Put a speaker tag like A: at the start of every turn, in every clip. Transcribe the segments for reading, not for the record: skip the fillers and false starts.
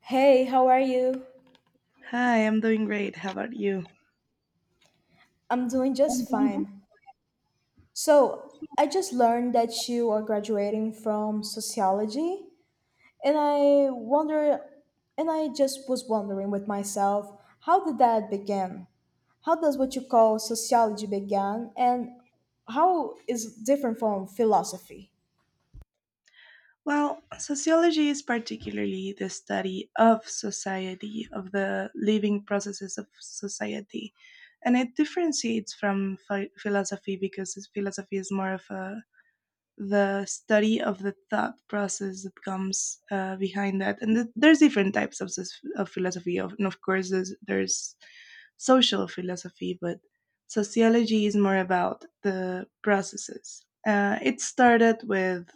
A: Hey, how are you?
B: Hi, I'm doing great. How about you?
A: I'm doing just fine. I just learned that you are graduating from sociology, and I wonder, and I just was wondering with myself, how did that begin? How does what you call sociology begin, and how is it different from philosophy?
B: Well, sociology is particularly the study of society, of the living processes of society. And it differentiates from philosophy because philosophy is more of a the study of the thought process that comes behind that. And there's different types of philosophy, and of course, there's social philosophy, but sociology is more about the processes. It started with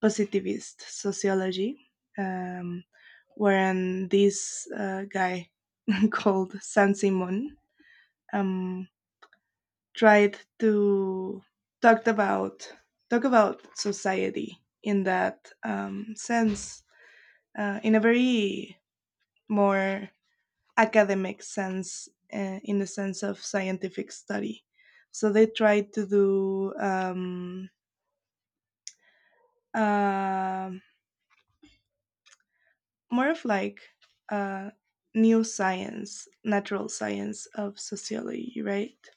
B: positivist sociology, um, wherein this guy called San Simon, um, tried to talk about talk about society in that sense, in a very more academic sense, in the sense of scientific study. So they tried to do um more of like uh, new science, natural science of sociology, right?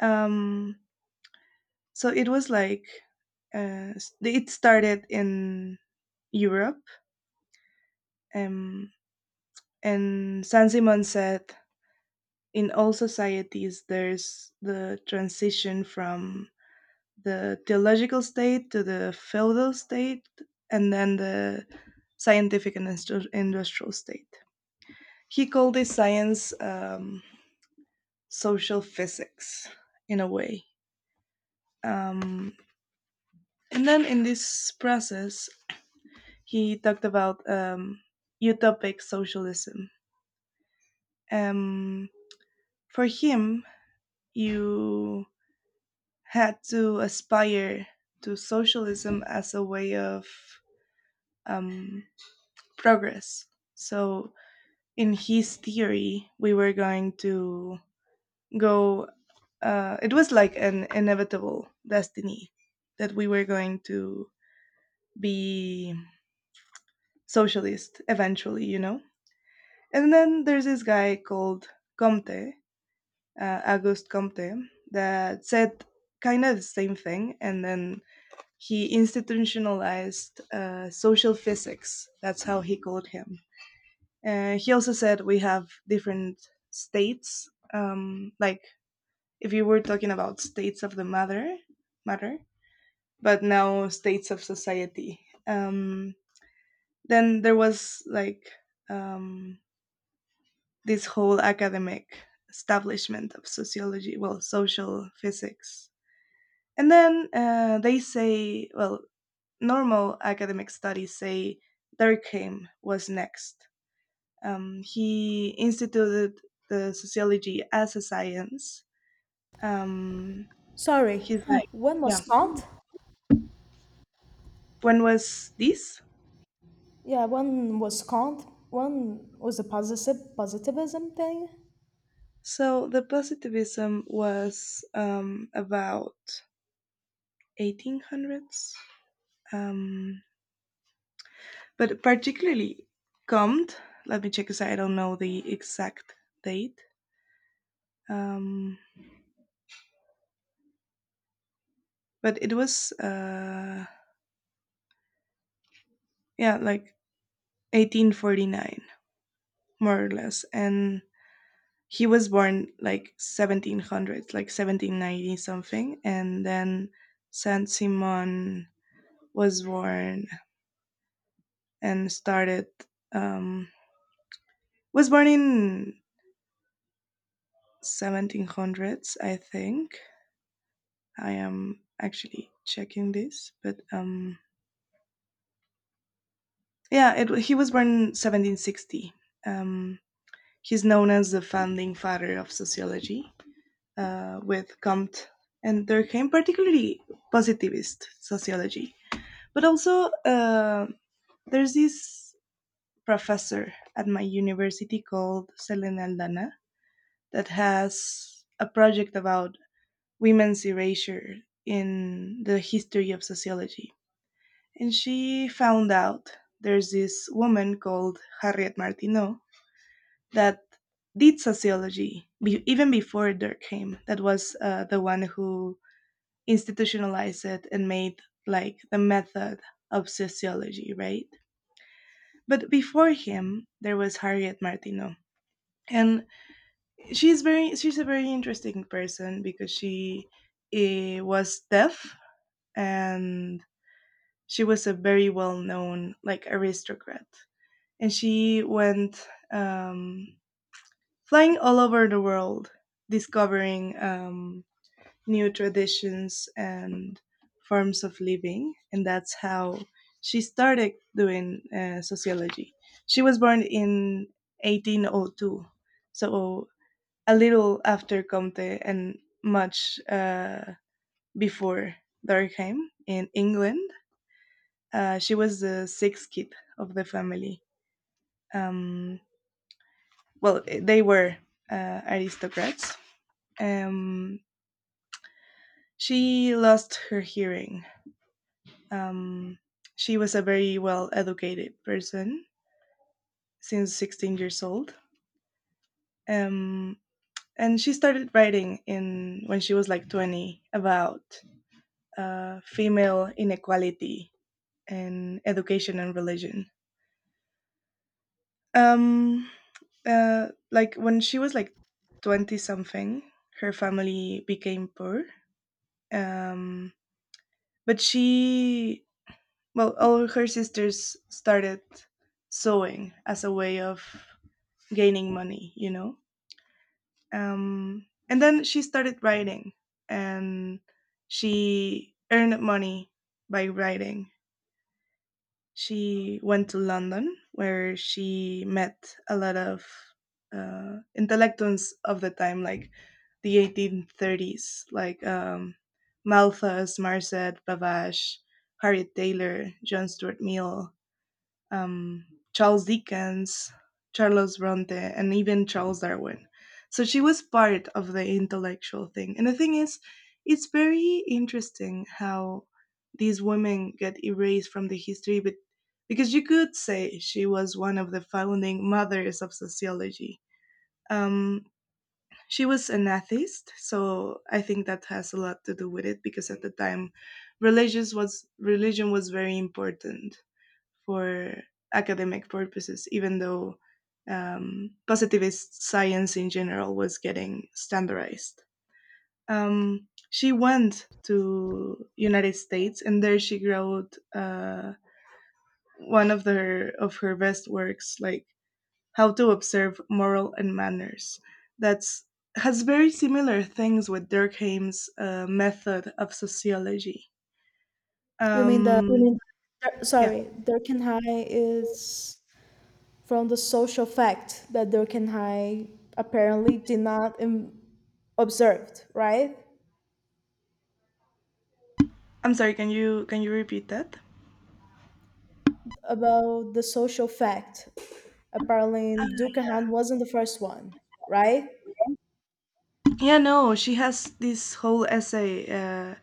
B: Um, so it was like it started in Europe. Um, and Saint Simon said, in all societies, there's the transition from the theological state to the feudal state, and then the scientific and industrial state. He called this science, social physics in a way. Um, and then in this process, he talked about utopic socialism. Um, for him, you had to aspire to socialism as a way of um, progress. So, in his theory, we were going to go, it was like an inevitable destiny that we were going to be socialist eventually, you know? And then there's this guy called Comte, Auguste Comte, that said kind of the same thing and then he institutionalized social physics. That's how he called him. He also said we have different states. Like if you were talking about states of the matter, matter, but now states of society. Um, then there was like um, this whole academic establishment of sociology, well, social physics. And then they say, well, normal academic studies say Durkheim was next. He instituted the sociology as a science. Um,
A: Sorry,
B: he's like,
A: one
B: yeah.
A: was Kant?
B: When was this?
A: Yeah, one was Kant. One was the positive positivism thing.
B: So the positivism was, about 1800s, um, but particularly Comte. Let me check because I don't know the exact date. Um, but it was, yeah, like 1849 more or less, and he was born like 1700s, like 1790 something. And then Saint Simon was born and started, um was born in 1700s, I think. I am actually checking this, but yeah, he was born 1760. um he's known as the founding father of sociology, with Comte, and there came particularly positivist sociology. But also, there's this professor at my university called Selena Aldana that has a project about women's erasure in the history of sociology. And she found out there's this woman called Harriet Martineau that did sociology even before Durkheim, that was the one who institutionalized it and made like the method of sociology, right? But before him, there was Harriet Martineau, and she's a very interesting person because she was deaf, and she was a very well known like aristocrat, and she went, flying all over the world discovering new traditions and forms of living, and that's how she started doing sociology. She was born in 1802, so a little after Comte and much before Durkheim, in England. She was the sixth kid of the family. Um, well, they were aristocrats. Um, she lost her hearing. Um, she was a very well educated person since 16 years old. Um, and she started writing in when she was like 20, about female inequality and education and religion. Um, like when she was like 20 something, her family became poor. Um, but well, all her sisters started sewing as a way of gaining money, you know. And then she started writing, and she earned money by writing. She went to London, where she met a lot of intellectuals of the time, like the 1830s, like Malthus, Marcet, Bavash, Harriet Taylor, John Stuart Mill, um, Charles Dickens, Charles Bronte, and even Charles Darwin. So she was part of the intellectual thing. And the thing is, it's very interesting how these women get erased from the history, but because you could say she was one of the founding mothers of sociology. Um, she was an atheist, so I think that has a lot to do with it because at the time, religious was religion was very important for academic purposes, even though positivist science in general was getting standardized. She went to United States, and there she wrote one of her best works, like How to Observe Moral and Manners. That's has very similar things with Durkheim's method of sociology.
A: You mean the
B: Um, yeah,
A: Sorry, Durkheim is from the social fact that Durkheim apparently did not observed, right?
B: I'm sorry. Can you repeat that?
A: About the social fact. Apparently, Durkheim wasn't the first one, right?
B: Yeah, no, she has this whole essay.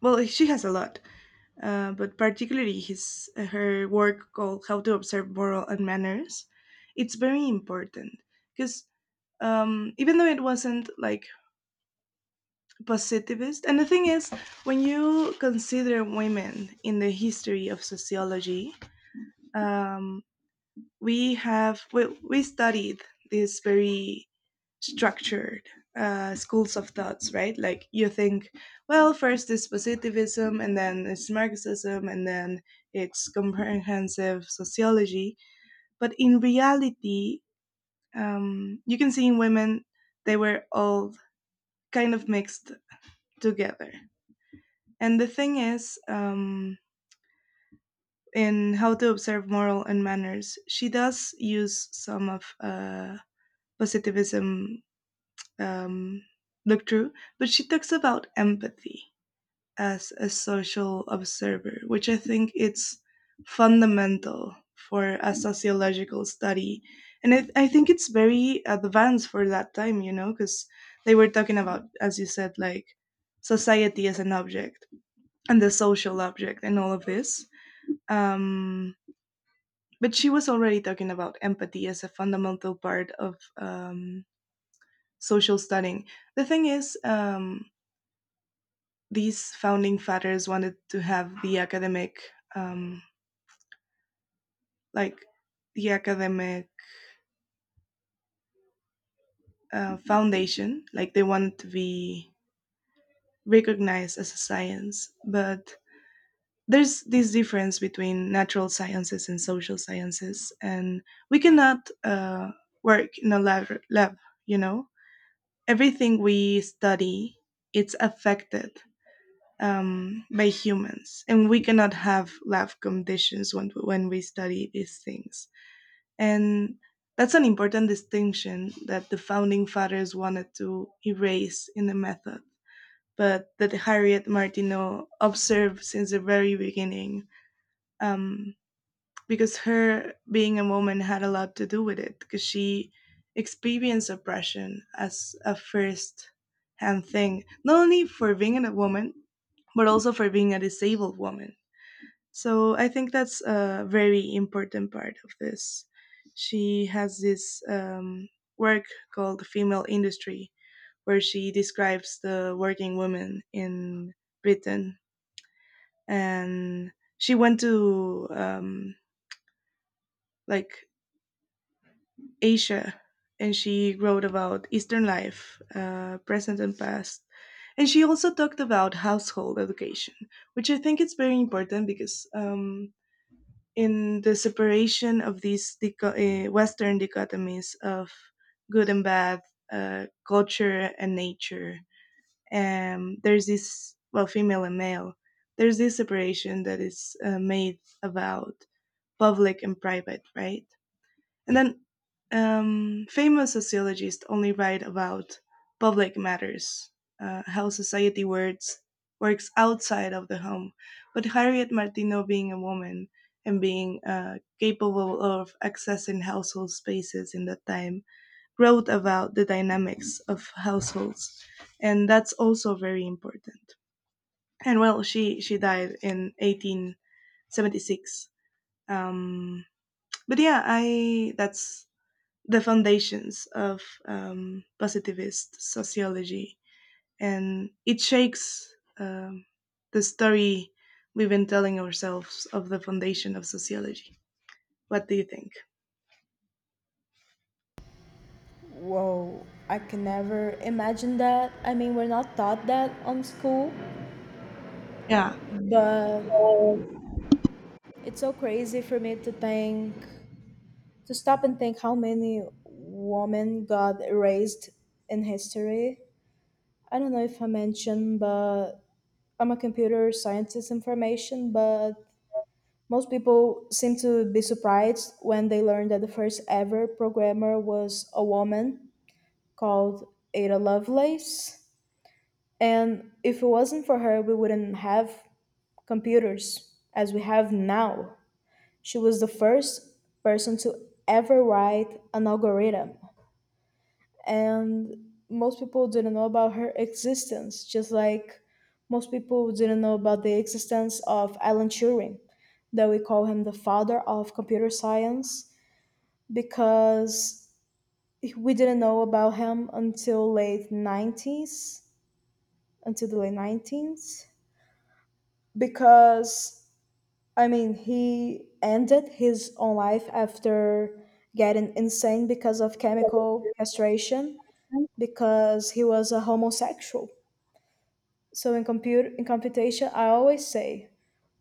B: Well, she has a lot, but particularly his her work called "How to Observe Moral and Manners." It's very important because, even though it wasn't like positivist, and the thing is, when you consider women in the history of sociology, um, we studied this very structured schools of thoughts, right? Like you think, well, first it's positivism, and then it's Marxism, and then it's comprehensive sociology. But in reality, you can see in women, they were all kind of mixed together. And the thing is, in How to Observe Moral and Manners, she does use some of positivism, um, look through, but she talks about empathy as a social observer, which I think it's fundamental for a sociological study. And I think it's very advanced for that time, you know, because they were talking about, as you said, like society as an object and the social object and all of this. Um, but she was already talking about empathy as a fundamental part of social studying. The thing is, these founding fathers wanted to have the academic, um, like the academic foundation, like they want it to be recognized as a science, but there's this difference between natural sciences and social sciences, and we cannot work in a lab, you know, everything we study, it's affected by humans, and we cannot have lab conditions when we study these things. And that's an important distinction that the founding fathers wanted to erase in the method, but that Harriet Martineau observed since the very beginning, um, because her being a woman had a lot to do with it, because she experienced oppression as a first hand thing, not only for being a woman, but also for being a disabled woman, so I think that's a very important part of this. She has this work called Female Industry, where she describes the working women in Britain. And she went to, like Asia, and she wrote about Eastern life, present and past. And she also talked about household education, which I think is very important because in the separation of these Western dichotomies of good and bad, culture and nature. And there's this, well, female and male, there's this separation that is made about public and private, right? And then famous sociologists only write about public matters, how society works outside of the home. But Harriet Martineau, being a woman and being capable of accessing household spaces in that time, wrote about the dynamics of households, and that's also very important. And well, she died in 1876. Um, but yeah, I that's the foundations of positivist sociology, and it shakes um, the story we've been telling ourselves of the foundation of sociology. What do you think?
A: Whoa, I can never imagine that. I mean, we're not taught that on school,
B: Yeah,
A: but it's so crazy for me to think, to stop and think how many women got erased in history. I don't know if I mentioned, but I'm a computer scientist in formation, but most people seem to be surprised when they learn that the first ever programmer was a woman called Ada Lovelace. And if it wasn't for her, we wouldn't have computers as we have now. She was the first person to ever write an algorithm, and most people didn't know about her existence, just like most people didn't know about the existence of Alan Turing, that we call him the father of computer science because we didn't know about him until late 90s, until the late 90s because, I mean, he ended his own life after getting insane because of chemical castration because he was a homosexual. So in compute in computation, I always say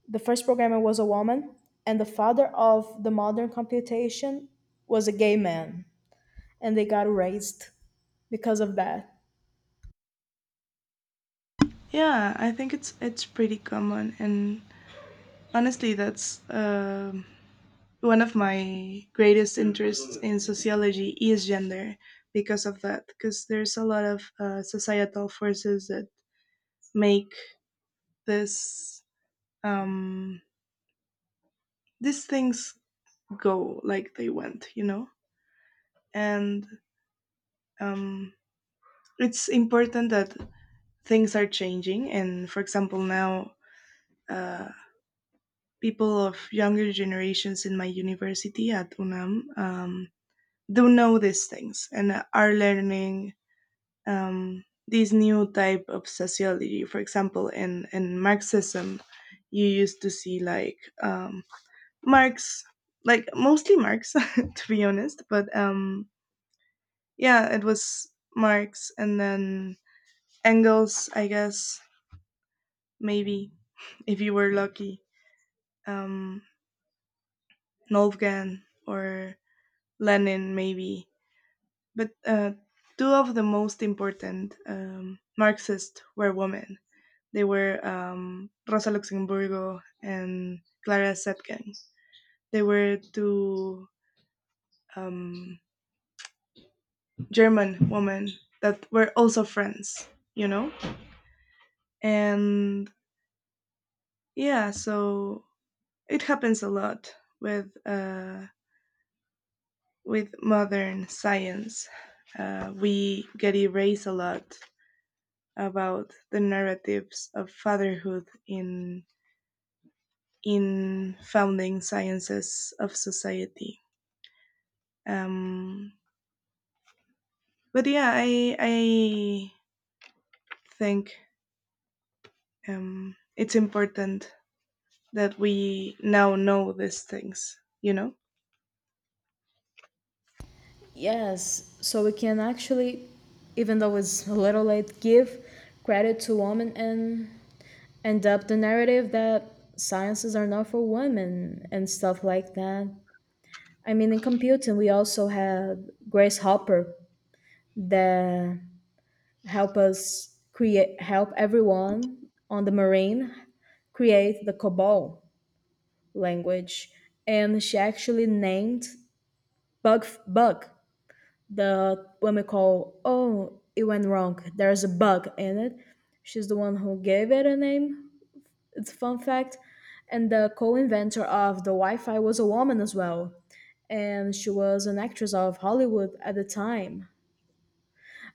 A: the first programmer was a woman, and the father of the modern computation was a gay man, and they got erased because of that.
B: yeah, I think it's pretty common, and honestly, that's one of my greatest interests in sociology is gender because of that. Because there's a lot of societal forces that make this, um, these things go like they went, you know? And um, it's important that things are changing. And for example, now uh, people of younger generations in my university at UNAM do know these things and are learning this new type of sociology. For example, in Marxism, you used to see like Marx, like mostly Marx, to be honest, but yeah, it was Marx and then Engels, I guess, maybe, if you were lucky. Um, Nolfgen or Lenin, maybe. But two of the most important Marxists were women. They were Rosa Luxemburgo and Clara Zetkin. They were two um, German women that were also friends, you know? And yeah, so it happens a lot with uh, with modern science. We get erased a lot about the narratives of fatherhood in founding sciences of society. Um, but yeah, I think it's important that we now know these things. You know?
A: Yes, so we can actually, even though it's a little late, give credit to women and end up the narrative that sciences are not for women and stuff like that. I mean, in computing, we also have Grace Hopper, the help us create help everyone on the marine create the COBOL language, and she actually named bug, the when we call, oh, it went wrong, there's a bug in it. She's the one who gave it a name. It's a fun fact, and the co-inventor of the Wi-Fi was a woman as well, and she was an actress of Hollywood at the time.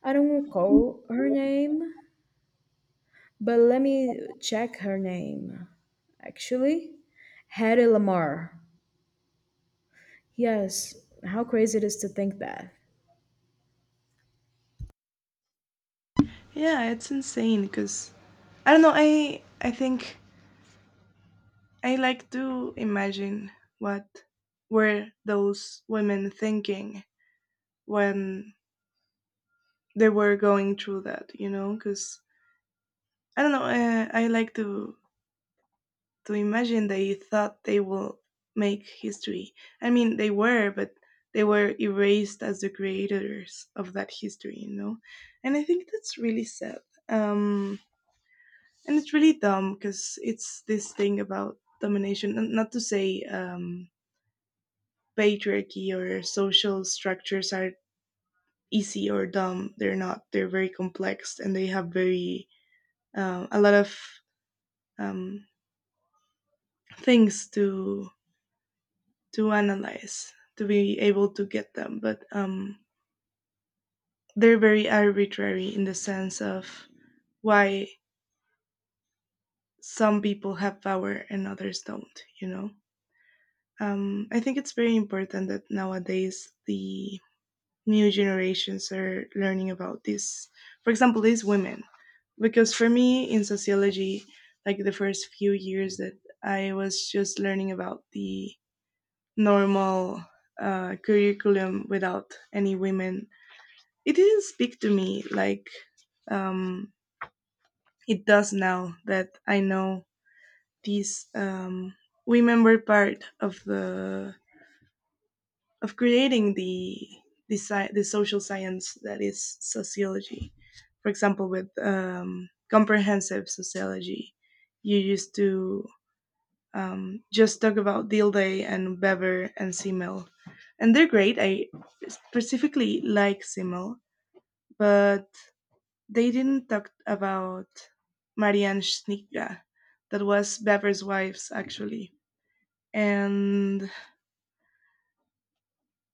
A: I don't recall her name. But let me check her name. Actually, Harry Lamar. Yes, how crazy it is to think that.
B: Yeah, it's insane because I don't know. I think I like to imagine what were those women thinking when they were going through that, you know, because I don't know. I like to imagine they thought they will make history. I mean, they were, but they were erased as the creators of that history, you know. And I think that's really sad. Um, and it's really dumb because it's this thing about domination. Not to say patriarchy or social structures are easy or dumb. They're not. They're very complex, and they have very a lot of um, things to analyze to be able to get them. But they're very arbitrary in the sense of why some people have power and others don't, you know. I think it's very important that nowadays the new generations are learning about this. For example, these women, because for me in sociology, like the first few years that I was just learning about the normal curriculum without any women, it didn't speak to me like um, it does now that I know these women were part of the of creating the the social science that is sociology. For example, with comprehensive sociology, you used to just talk about Deal and Bever and Simmel. And they're great. I specifically like Simmel, but they didn't talk about Marianne Schnitka, that was Bever's wife's, actually. And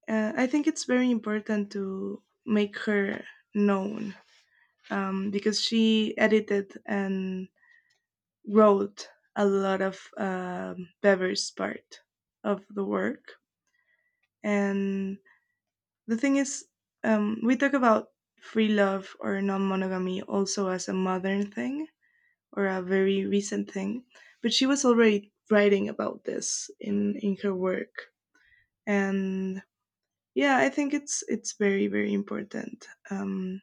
B: I think it's very important to make her known, because she edited and wrote a lot of Bever's part of the work. And the thing is, we talk about free love or non monogamy also as a modern thing or a very recent thing, but she was already writing about this in her work. And yeah, I think it's very very important,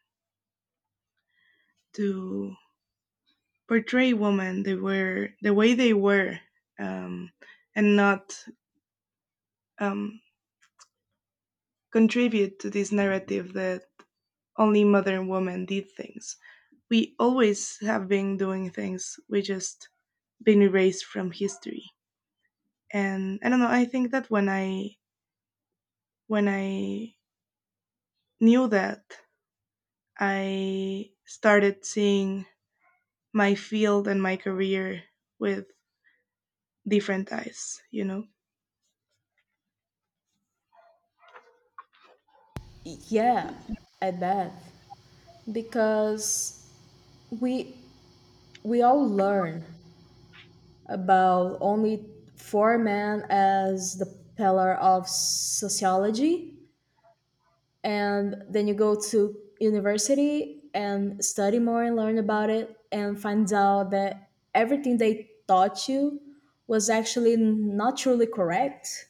B: to portray women they were the way they were, um, and not um, contribute to this narrative that only modern women did things. We always have been doing things. We just been erased from history. And I don't know, I think that when I knew that, I started seeing my field and my career with different eyes, you know?
A: Yeah, I bet. Because we we all learn about only 4 men as the pillar of sociology, and then you go to university and study more and learn about it and finds out that everything they taught you was actually not truly correct.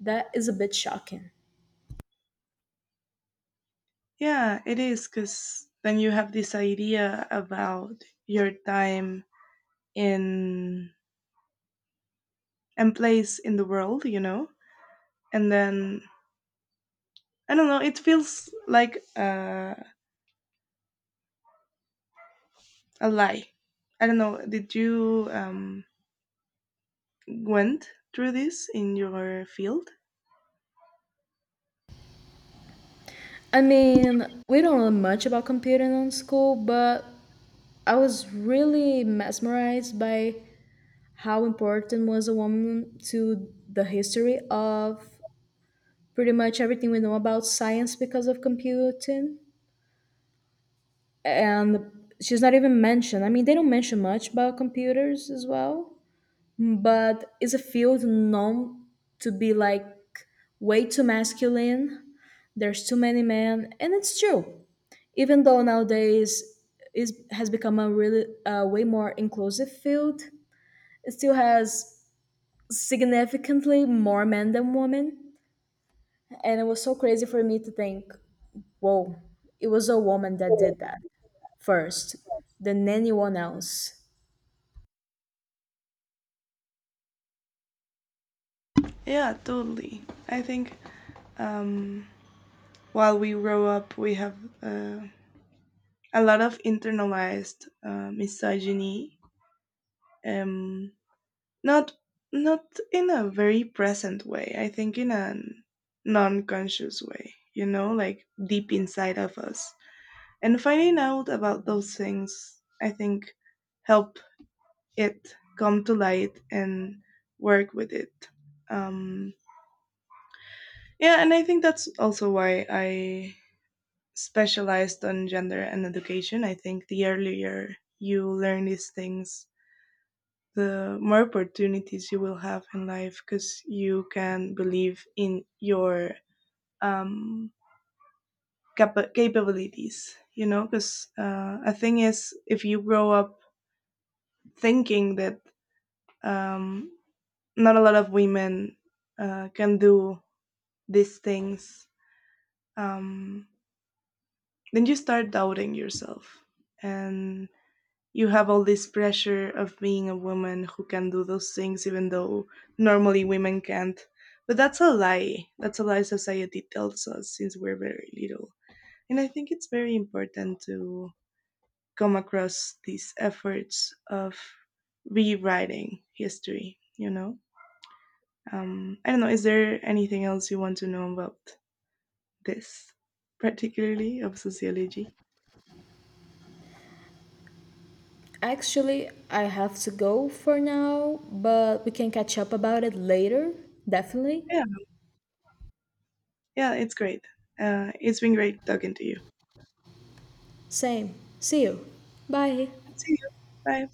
A: That is a bit shocking.
B: Yeah, it is, cuz then you have this idea about your time in and place in the world, you know? And then I don't know, it feels like a lie. I don't know. Did you went through this in your field?
A: I mean, we don't learn much about computing in school, but I was really mesmerized by how important was a woman to the history of pretty much everything we know about science because of computing, and she's not even mentioned. I mean, they don't mention much about computers as well, but it's a field known to be like way too masculine. There's too many men, and it's true. Even though nowadays is has become a really way more inclusive field, it still has significantly more men than women. And it was so crazy for me to think, whoa, it was a woman that did that first than anyone else.
B: Yeah, totally. I think um, while we grow up, we have uh, a lot of internalized misogyny. Um, Not not in a very present way. I think in a non-conscious way, you know, like deep inside of us. And finding out about those things, I think, help it come to light and work with it. Um, yeah, and I think that's also why I specialized on gender and education. I think the earlier you learn these things, the more opportunities you will have in life because you can believe in your um, capabilities, you know. Because a thing is, if you grow up thinking that um, not a lot of women can do these things, um, then you start doubting yourself. And you have all this pressure of being a woman who can do those things, even though normally women can't. But that's a lie. That's a lie society tells us since we're very little. And I think it's very important to come across these efforts of rewriting history, you know? I don't know, is there anything else you want to know about this, particularly of sociology.
A: Actually, I have to go for now, but we can catch up about it later, definitely.
B: Yeah, yeah, it's great. It's been great talking to you.
A: Same. See you. Bye.
B: See you. Bye.